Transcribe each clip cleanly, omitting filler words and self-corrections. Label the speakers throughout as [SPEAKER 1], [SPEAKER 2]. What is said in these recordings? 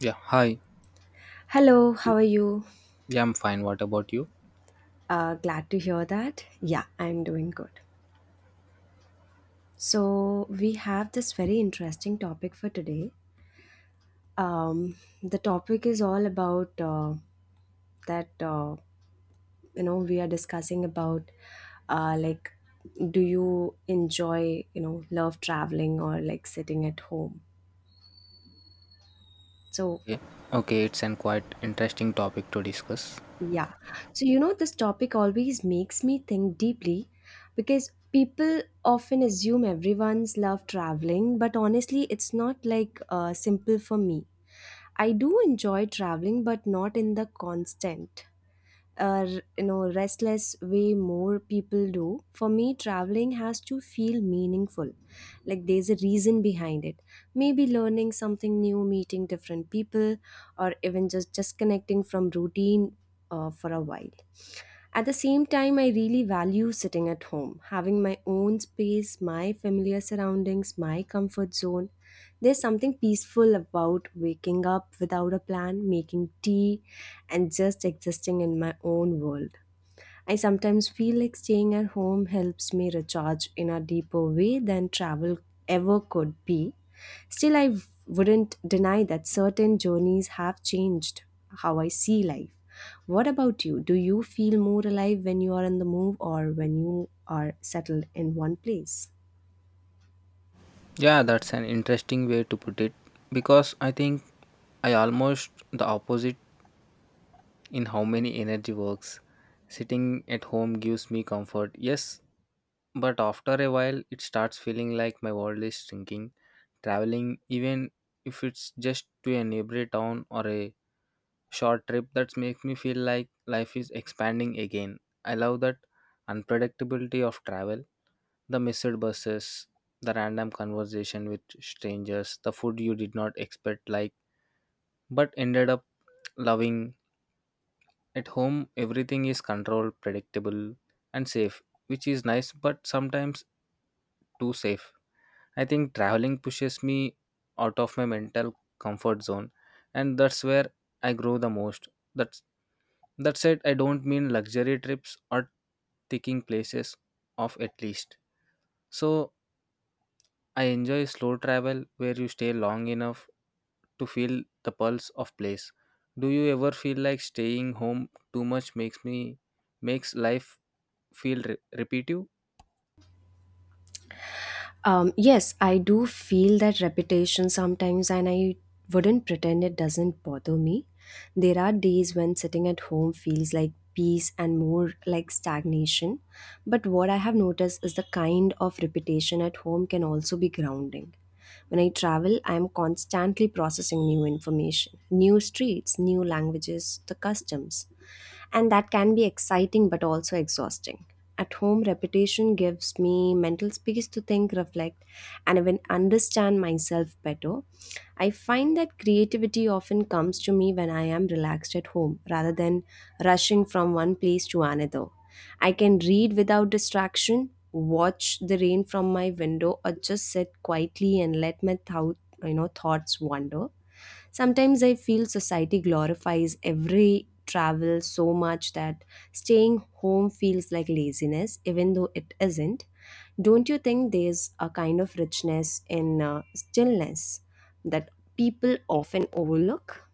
[SPEAKER 1] Yeah, hi.
[SPEAKER 2] Hello, how are you?
[SPEAKER 1] Yeah, I'm fine. What about you?
[SPEAKER 2] Glad to hear that. Yeah, I'm doing good. So, we have this very interesting topic for today. Um, the topic is all about that, uh, we are discussing about like, do you enjoy, love traveling or like sitting at home? So.
[SPEAKER 1] Yeah. Okay, it's an quite interesting topic to discuss.
[SPEAKER 2] Yeah. So, this topic always makes me think deeply because people often assume everyone's love traveling, but honestly, it's not like simple for me. I do enjoy traveling, but not in the constant, uh, restless way more people do. For me, traveling has to feel meaningful, like there's a reason behind it. Maybe learning something new, meeting different people, or even just connecting from routine for a while. At the same time, I really value sitting at home, having my own space, my familiar surroundings, my comfort zone. There's something peaceful about waking up without a plan, making tea, and just existing in my own world. I sometimes feel like staying at home helps me recharge in a deeper way than travel ever could be. Still, I wouldn't deny that certain journeys have changed how I see life. What about you? Do you feel more alive when you are on the move or when you are settled in one place?
[SPEAKER 1] Yeah, that's an interesting way to put it because I think I almost the opposite in how many energy works. Sitting at home gives me comfort. Yes, but after a while it starts feeling like my world is shrinking. Traveling even if it's just to a neighbor town or a short trip that makes me feel like life is expanding again. I love that unpredictability of travel, the missed buses, the random conversation with strangers, the food you did not expect like but ended up loving. At home everything is controlled, predictable and safe, which is nice but sometimes too safe. I think traveling pushes me out of my mental comfort zone, and that's where I grow the most. That that said, I don't mean luxury trips or taking places off at least. So I enjoy slow travel where you stay long enough to feel the pulse of place. Do you ever feel like staying home too much makes me makes life feel repetitive?
[SPEAKER 2] Yes, I do feel that repetition sometimes, and I wouldn't pretend it doesn't bother me. There are days when sitting at home feels like peace and more like stagnation. But what I have noticed is the kind of repetition at home can also be grounding. When I travel, I am constantly processing new information, new streets, new languages, the customs, and that can be exciting but also exhausting. At home, repetition gives me mental space to think, reflect, and even understand myself better. I find that creativity often comes to me when I am relaxed at home rather than rushing from one place to another. I can read without distraction, watch the rain from my window, or just sit quietly and let my thoughts wander. Sometimes I feel society glorifies every travel so much that staying home feels like laziness, even though it isn't. Don't you think there's a kind of richness in stillness that people often overlook?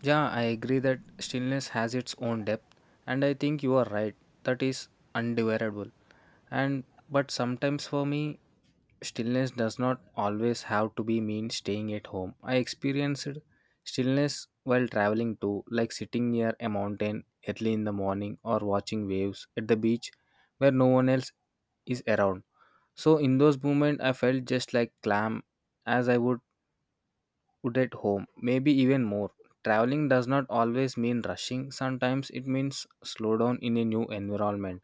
[SPEAKER 1] Yeah, I agree that stillness has its own depth and I think you are right. That is undesirable. And but sometimes for me, stillness does not always have to be mean staying at home. I experienced stillness while traveling too, like sitting near a mountain early in the morning or watching waves at the beach where no one else is around. So in those moments I felt just like calm as I would at home, maybe even more. Traveling does not always mean rushing. Sometimes it means slow down in a new environment.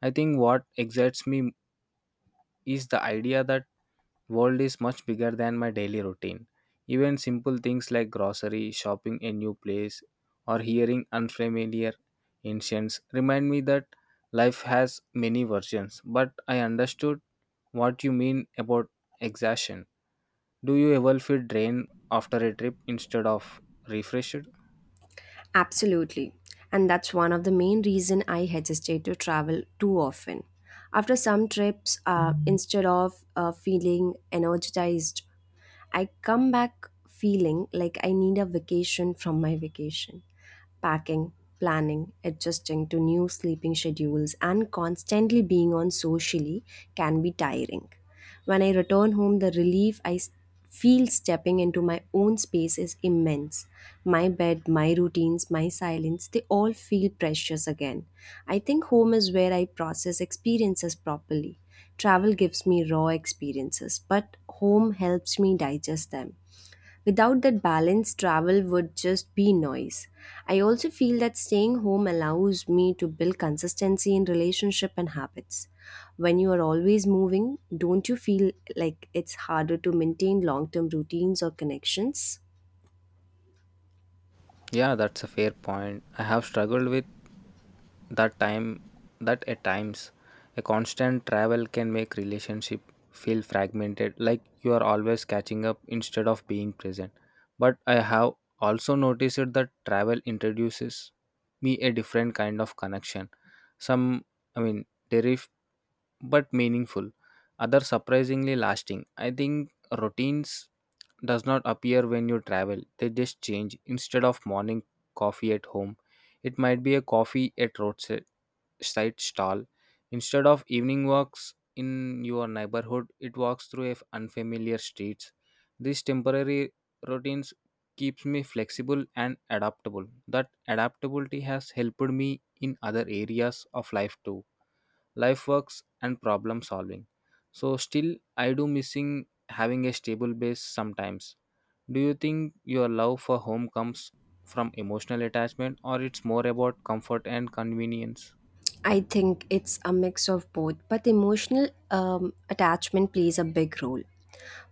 [SPEAKER 1] I think what excites me is the idea that world is much bigger than my daily routine. Even simple things like grocery, shopping a new place, or hearing unfamiliar ancients remind me that life has many versions. But I understood what you mean about exhaustion. Do you ever feel drained after a trip instead of refreshed?
[SPEAKER 2] Absolutely. And that's one of the main reason I hesitate to travel too often. After some trips, instead of feeling energized, I come back feeling like I need a vacation from my vacation. Packing, planning, adjusting to new sleeping schedules, and constantly being on socially can be tiring. When I return home, the relief I feel stepping into my own space is immense. My bed, my routines, my silence, they all feel precious again. I think home is where I process experiences properly. Travel gives me raw experiences, but home helps me digest them. Without that balance, travel would just be noise. I also feel that staying home allows me to build consistency in relationship and habits. When you are always moving, don't you feel like it's harder to maintain long term routines or connections?
[SPEAKER 1] Yeah, that's a fair point. I have struggled with that time that at times a constant travel can make relationship feel fragmented like you are always catching up instead of being present. But I have also noticed that travel introduces me a different kind of connection. Some I mean derif but meaningful other surprisingly lasting. I think routines does not appear when you travel. They just change. Instead of morning coffee at home it might be a coffee at roadside side stall. Instead of evening walks in your neighborhood it walks through if unfamiliar streets. These temporary routines keeps me flexible and adaptable. That adaptability has helped me in other areas of life too, life works and problem solving. So still I do missing having a stable base sometimes. Do you think your love for home comes from emotional attachment or it's more about comfort and convenience?
[SPEAKER 2] I think it's a mix of both, but emotional attachment plays a big role.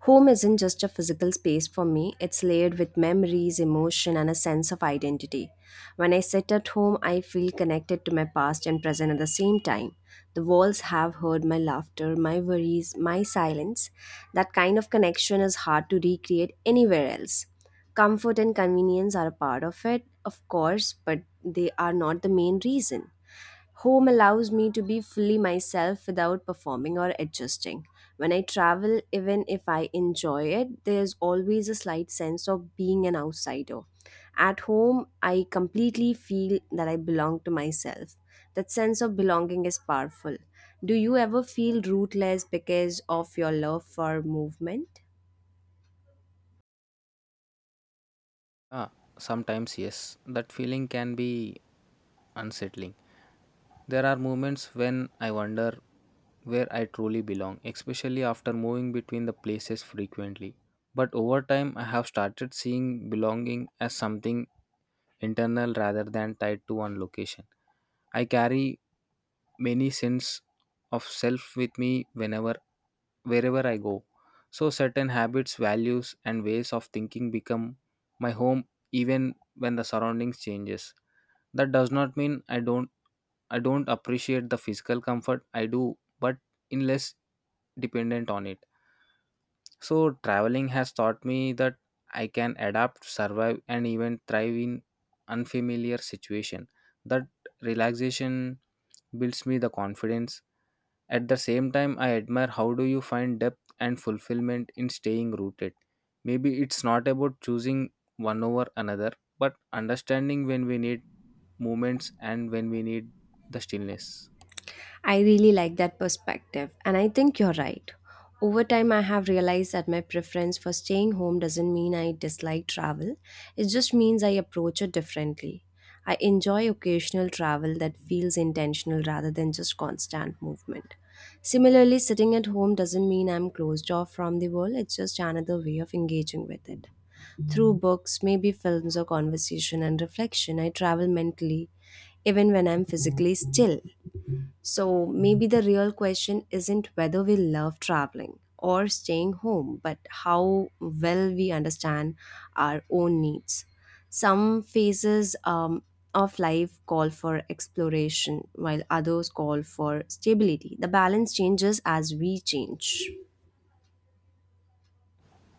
[SPEAKER 2] Home isn't just a physical space for me, it's layered with memories, emotion, and a sense of identity. When I sit at home, I feel connected to my past and present at the same time. The walls have heard my laughter, my worries, my silence. That kind of connection is hard to recreate anywhere else. Comfort and convenience are a part of it, of course, but they are not the main reason. Home allows me to be fully myself without performing or adjusting. When I travel, even if I enjoy it, there's always a slight sense of being an outsider. At home, I completely feel that I belong to myself. That sense of belonging is powerful. Do you ever feel rootless because of your love for movement?
[SPEAKER 1] Ah, sometimes yes, that feeling can be unsettling. There are moments when I wonder where I truly belong, especially after moving between the places frequently. But over time I have started seeing belonging as something internal rather than tied to one location. I carry many sense of self with me whenever wherever I go. So certain habits, values and ways of thinking become my home even when the surroundings changes. That does not mean I don't appreciate the physical comfort I do, but in less dependent on it. So, traveling has taught me that I can adapt, survive, and even thrive in unfamiliar situation. That relaxation builds me the confidence. At the same time, I admire how do you find depth and fulfillment in staying rooted. Maybe it's not about choosing one over another, but understanding when we need movements and when we need the stillness.
[SPEAKER 2] I really like that perspective, and I think you're right. Over time, I have realized that my preference for staying home doesn't mean I dislike travel, it just means I approach it differently. I enjoy occasional travel that feels intentional rather than just constant movement. Similarly, sitting at home doesn't mean I'm closed off from the world, it's just another way of engaging with it. Through books, maybe films or conversation and reflection, I travel mentally even when I'm physically still. So maybe the real question isn't whether we love traveling or staying home, but how well we understand our own needs. Some phases of life call for exploration, while others call for stability. The balance changes as we change.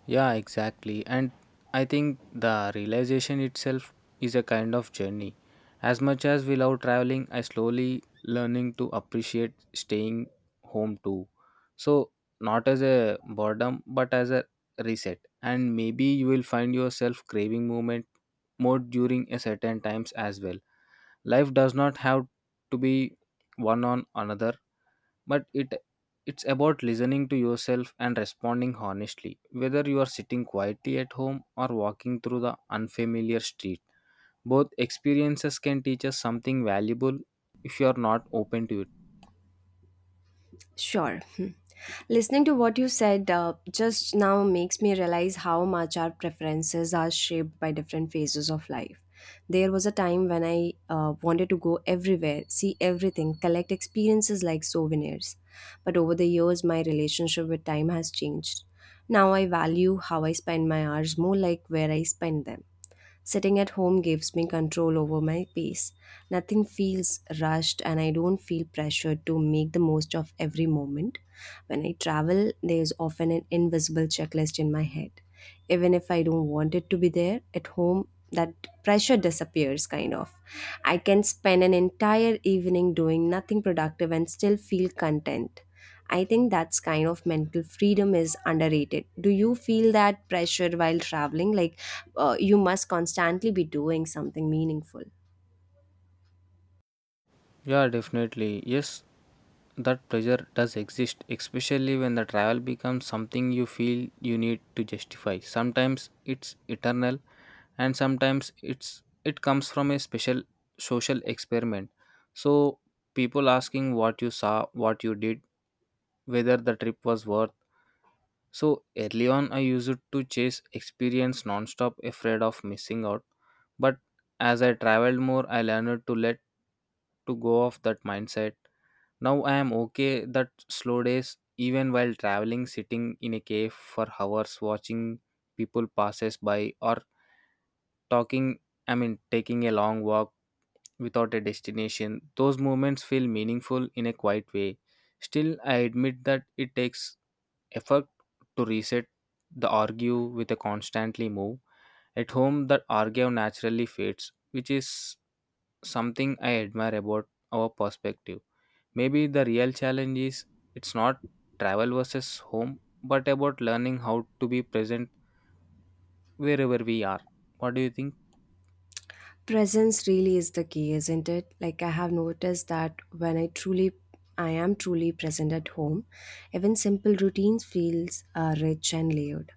[SPEAKER 1] Yeah, exactly. And I think the realization itself is a kind of journey. As much as we love traveling, I slowly learning to appreciate staying home too. So not as a boredom, but as a reset. And maybe you will find yourself craving movement more during a certain times as well. Life does not have to be one on another, but it's about listening to yourself and responding honestly. Whether you are sitting quietly at home or walking through the unfamiliar street, both experiences can teach us something valuable if you are not open to.
[SPEAKER 2] Sure. Listening to what you said just now makes me realize how much our preferences are shaped by different phases of life. There was a time when I wanted to go everywhere, see everything, collect experiences like souvenirs. But over the years, my relationship with time has changed. Now I value how I spend my hours more like where I spend them. Sitting at home gives me control over my pace. Nothing feels rushed, and I don't feel pressured to make the most of every moment. When I travel, there's often an invisible checklist in my head. Even if I don't want it to be there at home, that pressure disappears kind of. I can spend an entire evening doing nothing productive and still feel content. I think that's kind of mental freedom is underrated. Do you feel that pressure while traveling, like you must constantly be doing something meaningful?
[SPEAKER 1] Yeah, definitely. Yes, that pressure does exist, especially when the travel becomes something you feel you need to justify. Sometimes it's eternal, and sometimes it comes from a special social experiment. So people asking what you saw, what you did, whether the trip was worth. So early on, I used to chase experience nonstop, afraid of missing out. But as I traveled more, I learned to go of that mindset. Now I am okay that slow days, even while traveling, sitting in a cave for hours, watching people passes by or talking, taking a long walk without a destination, those moments feel meaningful in a quiet way. Still, I admit that it takes effort to reset the argue with a constantly move. At home, that argue naturally fades, which is something I admire about our perspective. Maybe the real challenge is it's not travel versus home, but about learning how to be present wherever we are. What do you think?
[SPEAKER 2] Presence really is the key, isn't it? Like I have noticed that when I am truly present at home, even simple routines feels rich and layered.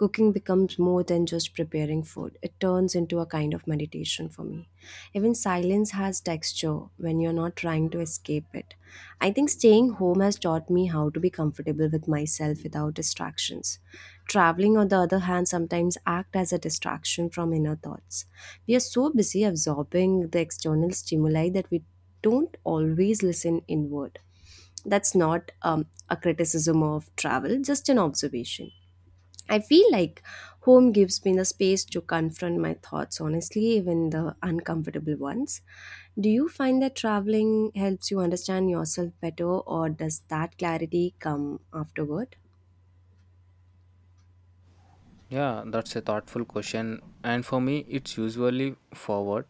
[SPEAKER 2] Cooking becomes more than just preparing food. It turns into a kind of meditation for me. Even silence has texture when you're not trying to escape it. I think staying home has taught me how to be comfortable with myself without distractions. Traveling, on the other hand, sometimes act as a distraction from inner thoughts. We are so busy absorbing the external stimuli that we don't always listen inward. That's not a criticism of travel, just an observation. I feel like home gives me the space to confront my thoughts honestly, even the uncomfortable ones. Do you find that traveling helps you understand yourself better, or does that clarity come afterward?
[SPEAKER 1] Yeah, that's a thoughtful question. And for me, it's usually forward.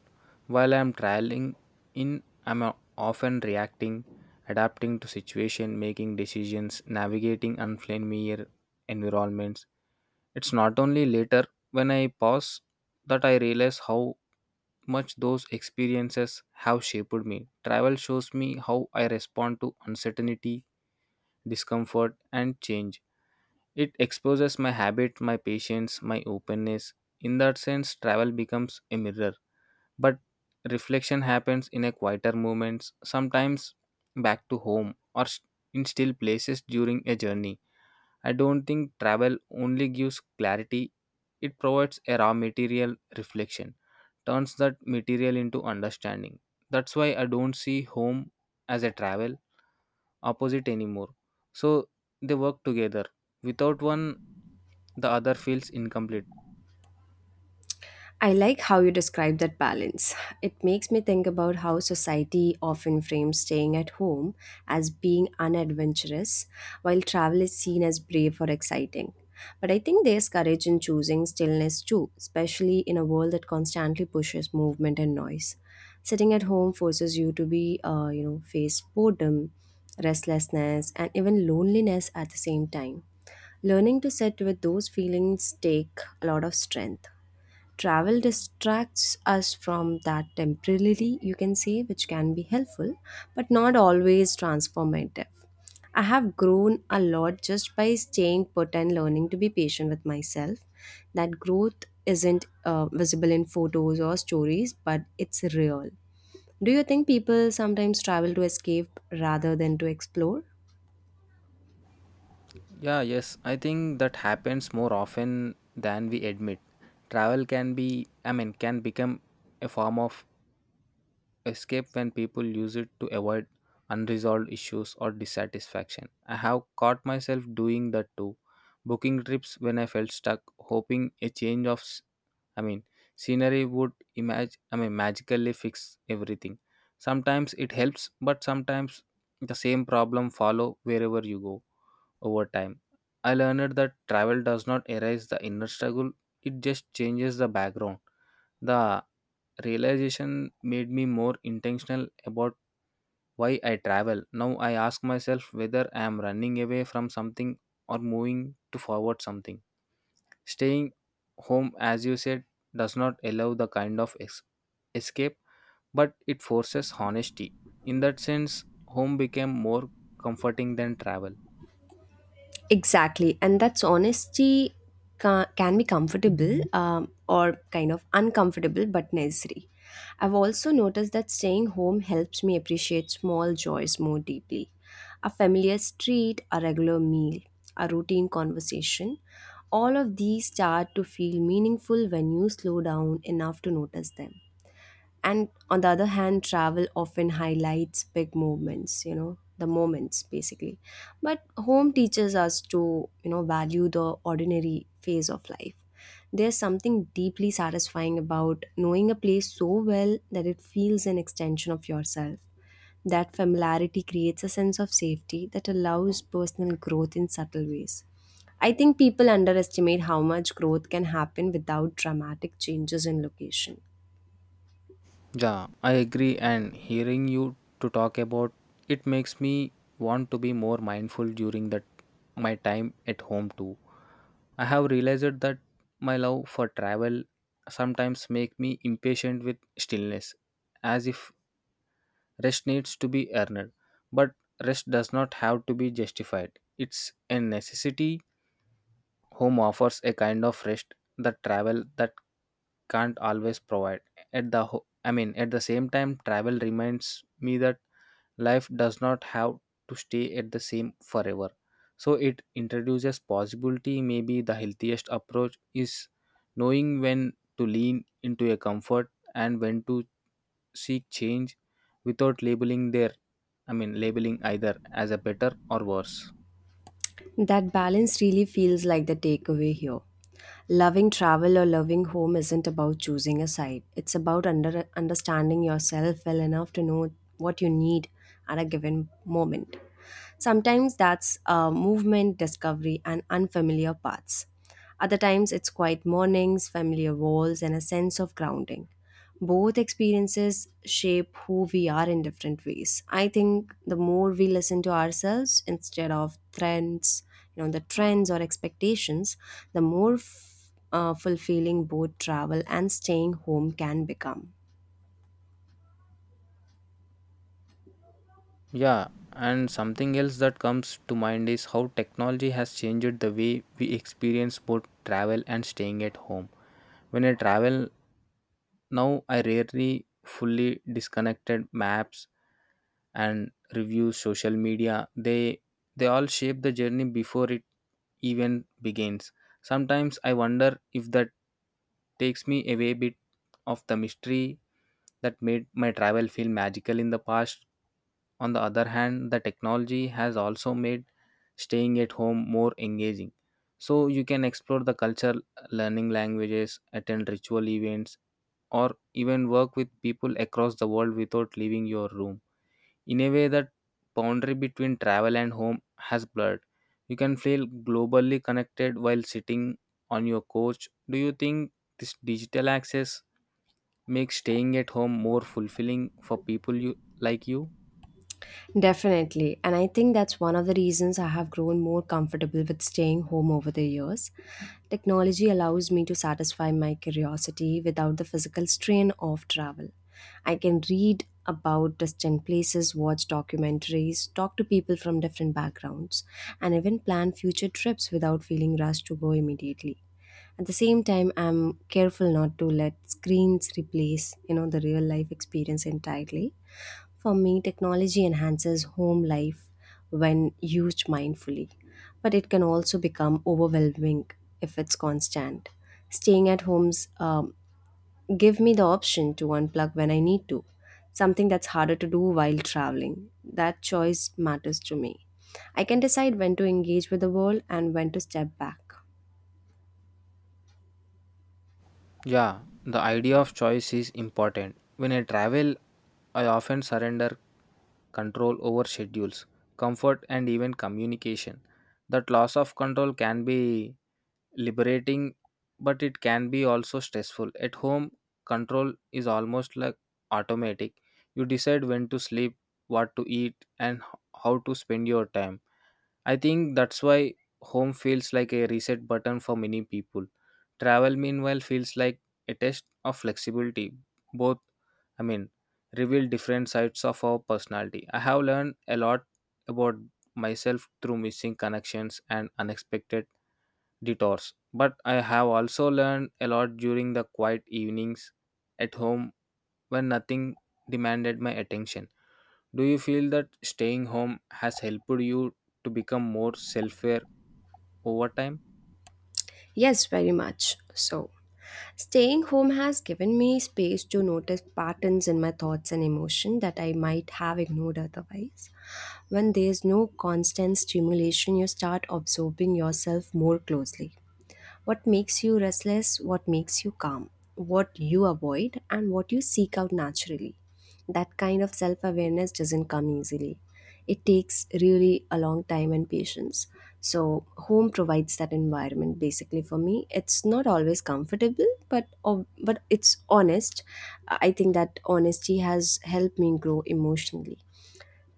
[SPEAKER 1] While I'm often reacting, adapting to situation, making decisions, navigating unfamiliar environments. It's not only later when I pause that I realize how much those experiences have shaped me. Travel shows me how I respond to uncertainty, discomfort, and change. It exposes my habit, my patience, my openness. In that sense, travel becomes a mirror. But reflection happens in a quieter moments, sometimes back to home or in still places during a journey. I don't think travel only gives clarity, it provides a raw material reflection, turns that material into understanding. That's why I don't see home as a travel opposite anymore. So they work together. Without one, the other feels incomplete.
[SPEAKER 2] I like how you describe that balance. It makes me think about how society often frames staying at home as being unadventurous, while travel is seen as brave or exciting. But I think there's courage in choosing stillness too, especially in a world that constantly pushes movement and noise. Sitting at home forces you to be, face boredom, restlessness, and even loneliness at the same time. Learning to sit with those feelings take a lot of strength. Travel distracts us from that temporarily, you can say, which can be helpful but not always transformative. I have grown a lot just by staying put and learning to be patient with myself. That growth isn't visible in photos or stories, but it's real. Do you think people sometimes travel to escape rather than to explore?
[SPEAKER 1] Yeah, yes, I think that happens more often than we admit. Travel can be, can become a form of escape when people use it to avoid unresolved issues or dissatisfaction. I have caught myself doing that too, booking trips when I felt stuck, hoping a change of I mean scenery would magically fix everything. Sometimes it helps, but sometimes the same problem follow wherever you go over time. I learned that travel does not erase the inner struggle, it just changes the background. The realization made me more intentional about why I travel. Now I ask myself whether I am running away from something or moving to forward something. Staying home, as you said, does not allow the kind of escape, but it forces honesty. In that sense, home became more comforting than travel.
[SPEAKER 2] Exactly, and that's honesty can be comfortable or kind of uncomfortable but necessary. I've also noticed that staying home helps me appreciate small joys more deeply. A familiar street, a regular meal, a routine conversation, all of these start to feel meaningful when you slow down enough to notice them. And on the other hand, travel often highlights big movements, the moments basically. But home teaches us to value the ordinary phase of life. There's something deeply satisfying about knowing a place so well that it feels an extension of yourself. That familiarity creates a sense of safety that allows personal growth in subtle ways. I think people underestimate how much growth can happen without dramatic changes in location.
[SPEAKER 1] Yeah, I agree. And hearing you to talk about it makes me want to be more mindful during that my time at home too. I have realized that my love for travel sometimes make me impatient with stillness, as if rest needs to be earned. But rest does not have to be justified. It's a necessity. Home offers a kind of rest that travel that can't always provide. At the ho- I mean, at the same time, travel reminds me that life does not have to stay at the same forever. So it introduces possibility. Maybe the healthiest approach is knowing when to lean into a comfort and when to seek change without labeling their I mean labeling either as a better or worse.
[SPEAKER 2] That balance really feels like the takeaway here. Loving travel or loving home isn't about choosing a side. It's about understanding yourself well enough to know what you need at a given moment. Sometimes that's movement, discovery, and unfamiliar paths. Other times it's quiet mornings, familiar walls, and a sense of grounding. Both experiences shape who we are in different ways. I think the more we listen to ourselves instead of trends, the trends or expectations, the more fulfilling both travel and staying home can become.
[SPEAKER 1] Yeah, and something else that comes to mind is how technology has changed the way we experience both travel and staying at home. When I travel now, I rarely fully disconnected maps and reviews social media. They all shape the journey before it even begins. Sometimes I wonder if that takes me away a bit of the mystery that made my travel feel magical in the past. On the other hand, the technology has also made staying at home more engaging. So you can explore the culture, learning languages, attend ritual events, or even work with people across the world without leaving your room. In a way, that boundary between travel and home has blurred. You can feel globally connected while sitting on your couch. Do you think this digital access makes staying at home more fulfilling for people you like you?
[SPEAKER 2] Definitely. And I think that's one of the reasons I have grown more comfortable with staying home over the years. Technology allows me to satisfy my curiosity without the physical strain of travel. I can read about distant places, watch documentaries, talk to people from different backgrounds, and even plan future trips without feeling rushed to go immediately. At the same time, I'm careful not to let screens replace, the real life experience entirely for me, technology enhances home life when used mindfully, but it can also become overwhelming if it's constant. Staying at homes give me the option to unplug when I need to, something that's harder to do while traveling. That choice matters to me. I can decide when to engage with the world and when to step back.
[SPEAKER 1] Yeah, the idea of choice is important. When I travel, I often surrender control over schedules, comfort, and even communication. That loss of control can be liberating, but it can be also stressful. At home, control is almost like automatic. You decide when to sleep, what to eat, and how to spend your time. I think that's why home feels like a reset button for many people. Travel, meanwhile, feels like a test of flexibility. Both, I mean, reveal different sides of our personality. I have learned a lot about myself through missing connections and unexpected detours, but I have also learned a lot during the quiet evenings at home when nothing demanded my attention. Do you feel that staying home has helped you to become more self-aware over time?
[SPEAKER 2] Yes, very much so. Staying home has given me space to notice patterns in my thoughts and emotion that I might have ignored otherwise. When there is no constant stimulation, you start observing yourself more closely. What makes you restless, what makes you calm, what you avoid, and what you seek out naturally. That kind of self awareness doesn't come easily. It takes really a long time and patience. So, home provides that environment basically for me. It's not always comfortable, but but it's honest. I think that honesty has helped me grow emotionally.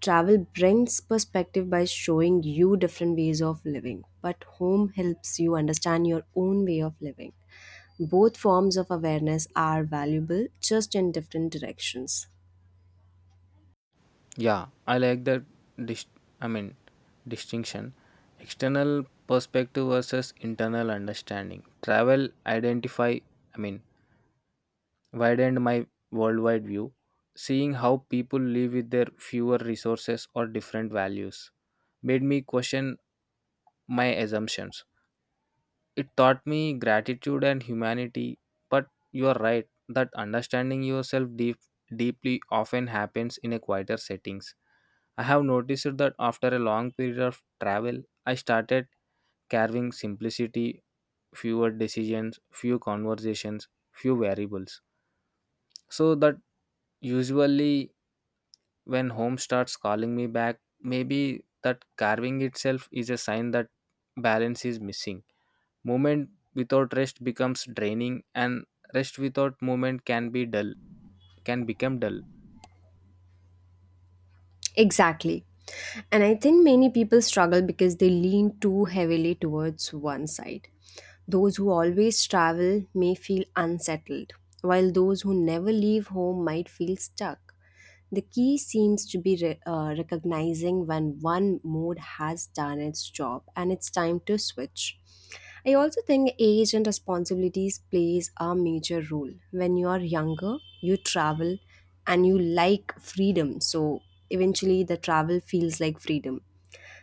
[SPEAKER 2] Travel brings perspective by showing you different ways of living, but home helps you understand your own way of living. Both forms of awareness are valuable, just in different directions.
[SPEAKER 1] Yeah, I like that. Dis- I mean, distinction: external perspective versus internal understanding. Travel identify. I mean, widened my worldwide view, seeing how people live with their fewer resources or different values made me question my assumptions. It taught me gratitude and humanity, but you are right that understanding yourself deeply often happens in a quieter settings. I have noticed that after a long period of travel, I started carving simplicity, fewer decisions, few conversations, few variables. So that usually when home starts calling me back, maybe that carving itself is a sign that balance is missing. Movement without rest becomes draining, and rest without movement can become dull.
[SPEAKER 2] Exactly. And I think many people struggle because they lean too heavily towards one side. Those who always travel may feel unsettled, while those who never leave home might feel stuck. The key seems to be recognizing when one mood has done its job and it's time to switch. I also think age and responsibilities plays a major role. When you are younger, you travel and you like freedom. So eventually the travel feels like freedom.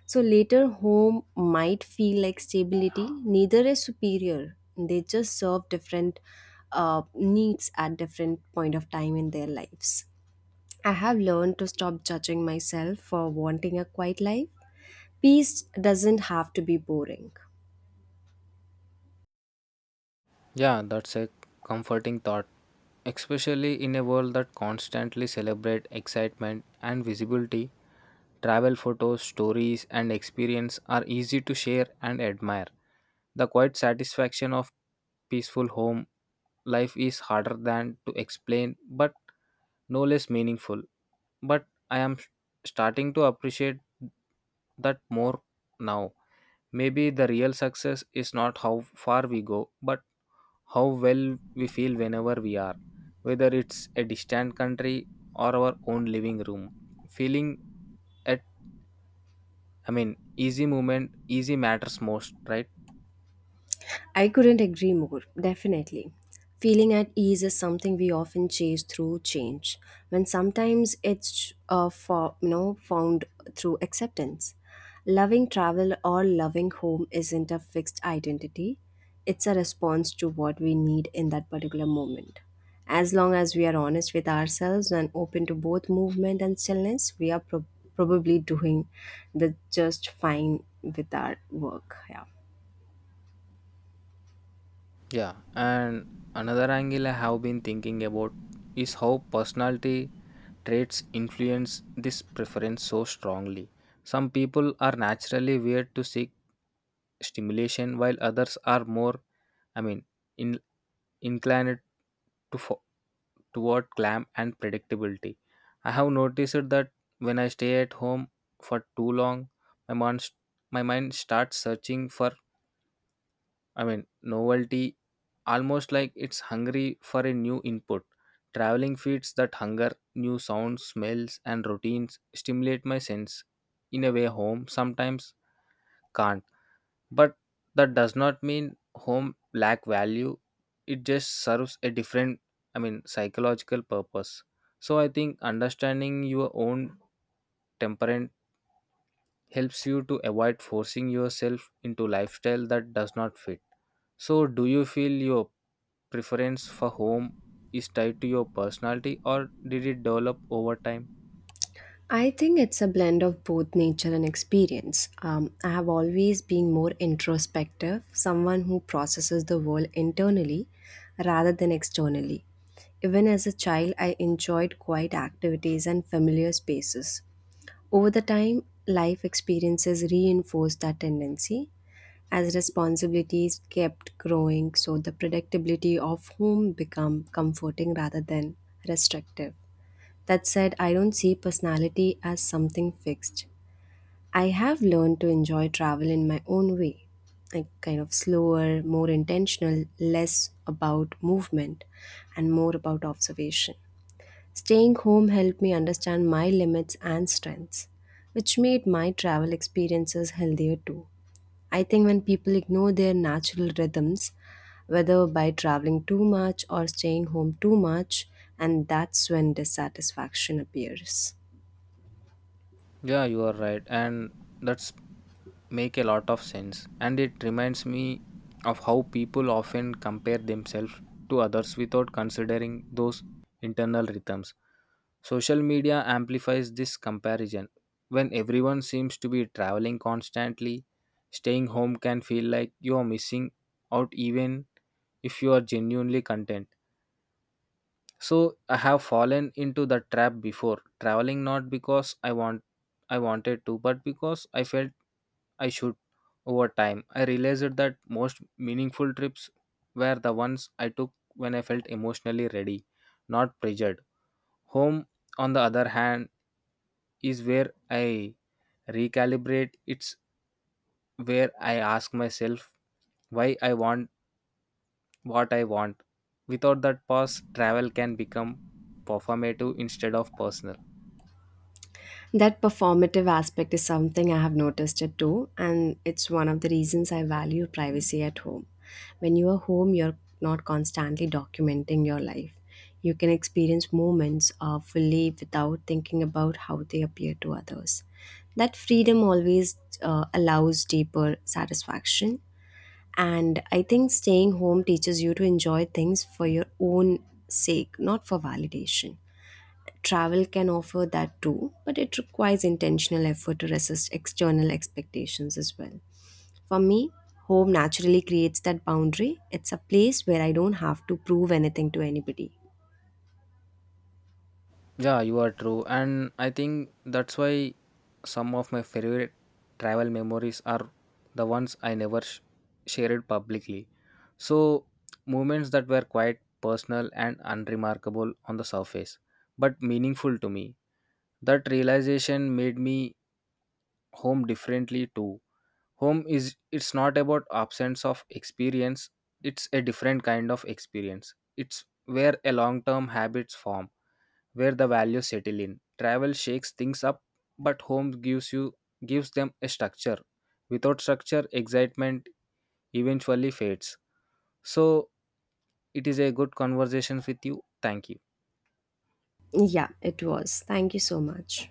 [SPEAKER 2] So later home might feel like stability. Neither is superior. They just serve different needs at different point of time in their lives. I have learned to stop judging myself for wanting a quiet life. Peace doesn't have to be boring.
[SPEAKER 1] Yeah, that's a comforting thought, especially in a world that constantly celebrate excitement and visibility. Travel photos, stories, and experience are easy to share and admire. The quiet satisfaction of peaceful home life is harder than to explain but no less meaningful, but I am starting to appreciate that more now. Maybe the real success is not how far we go but how well we feel whenever we are, whether it's a distant country or our own living room, feeling at, easy movement, easy matters most, right?
[SPEAKER 2] I couldn't agree more, definitely. Feeling at ease is something we often chase through change, when sometimes it's found through acceptance. Loving travel or loving home isn't a fixed identity, it's a response to what we need in that particular moment. As long as we are honest with ourselves and open to both movement and stillness, we are probably doing the just fine with our work. Yeah.
[SPEAKER 1] Yeah, and another angle I have been thinking about is how personality traits influence this preference so strongly. Some people are naturally weird to seek stimulation, while others are more, I mean, in, inclined to fo- toward clam and predictability. I have noticed that when I stay at home for too long, my mind, my mind starts searching for, novelty, almost like it's hungry for a new input. Traveling feeds that hunger, new sounds, smells, and routines stimulate my sense in a way home sometimes can't. But that does not mean home lack value. It just serves a different, psychological purpose. So I think understanding your own temperament helps you to avoid forcing yourself into lifestyle that does not fit. So, do you feel your preference for home is tied to your personality or did it develop over time?
[SPEAKER 2] I think it's a blend of both nature and experience. I have always been more introspective, someone who processes the world internally rather than externally. Even as a child, I enjoyed quiet activities and familiar spaces. Over the time, life experiences reinforced that tendency as responsibilities kept growing, so the predictability of home become comforting rather than restrictive. That said, I don't see personality as something fixed. I have learned to enjoy travel in my own way, like kind of slower, more intentional, less about movement, and more about observation. Staying home helped me understand my limits and strengths, which made my travel experiences healthier too. I think when people ignore their natural rhythms, whether by traveling too much or staying home too much, and that's when dissatisfaction appears.
[SPEAKER 1] Yeah, you are right, and that's make a lot of sense. And it reminds me of how people often compare themselves to others without considering those internal rhythms. Social media amplifies this comparison. When everyone seems to be traveling constantly, staying home can feel like you are missing out, even if you are genuinely content. So I have fallen into the trap before, traveling not because I wanted to but because I felt I should. Over time, I realized that most meaningful trips were the ones I took when I felt emotionally ready, not pressured. Home, on the other hand, is where I recalibrate. It's where I ask myself why I want what I want. Without that pause, travel can become performative instead of personal.
[SPEAKER 2] That performative aspect is something I have noticed it too, and it's one of the reasons I value privacy at home. When you are home, you're not constantly documenting your life. You can experience moments fully without thinking about how they appear to others. That freedom always allows deeper satisfaction. And I think staying home teaches you to enjoy things for your own sake, not for validation. Travel can offer that too, but it requires intentional effort to resist external expectations as well. For me, home naturally creates that boundary. It's a place where I don't have to prove anything to anybody.
[SPEAKER 1] Yeah, you are true. And I think that's why some of my favorite travel memories are the ones I never shared publicly. So, moments that were quite personal and unremarkable on the surface, but meaningful to me. That realization made me home differently too. Home is, it's not about absence of experience, it's a different kind of experience. It's where a long term habits form, where the values settle in. Travel shakes things up, but home gives them a structure. Without structure, excitement eventually fades. So it is a good conversation with you. Thank you.
[SPEAKER 2] Yeah, it was. Thank you so much.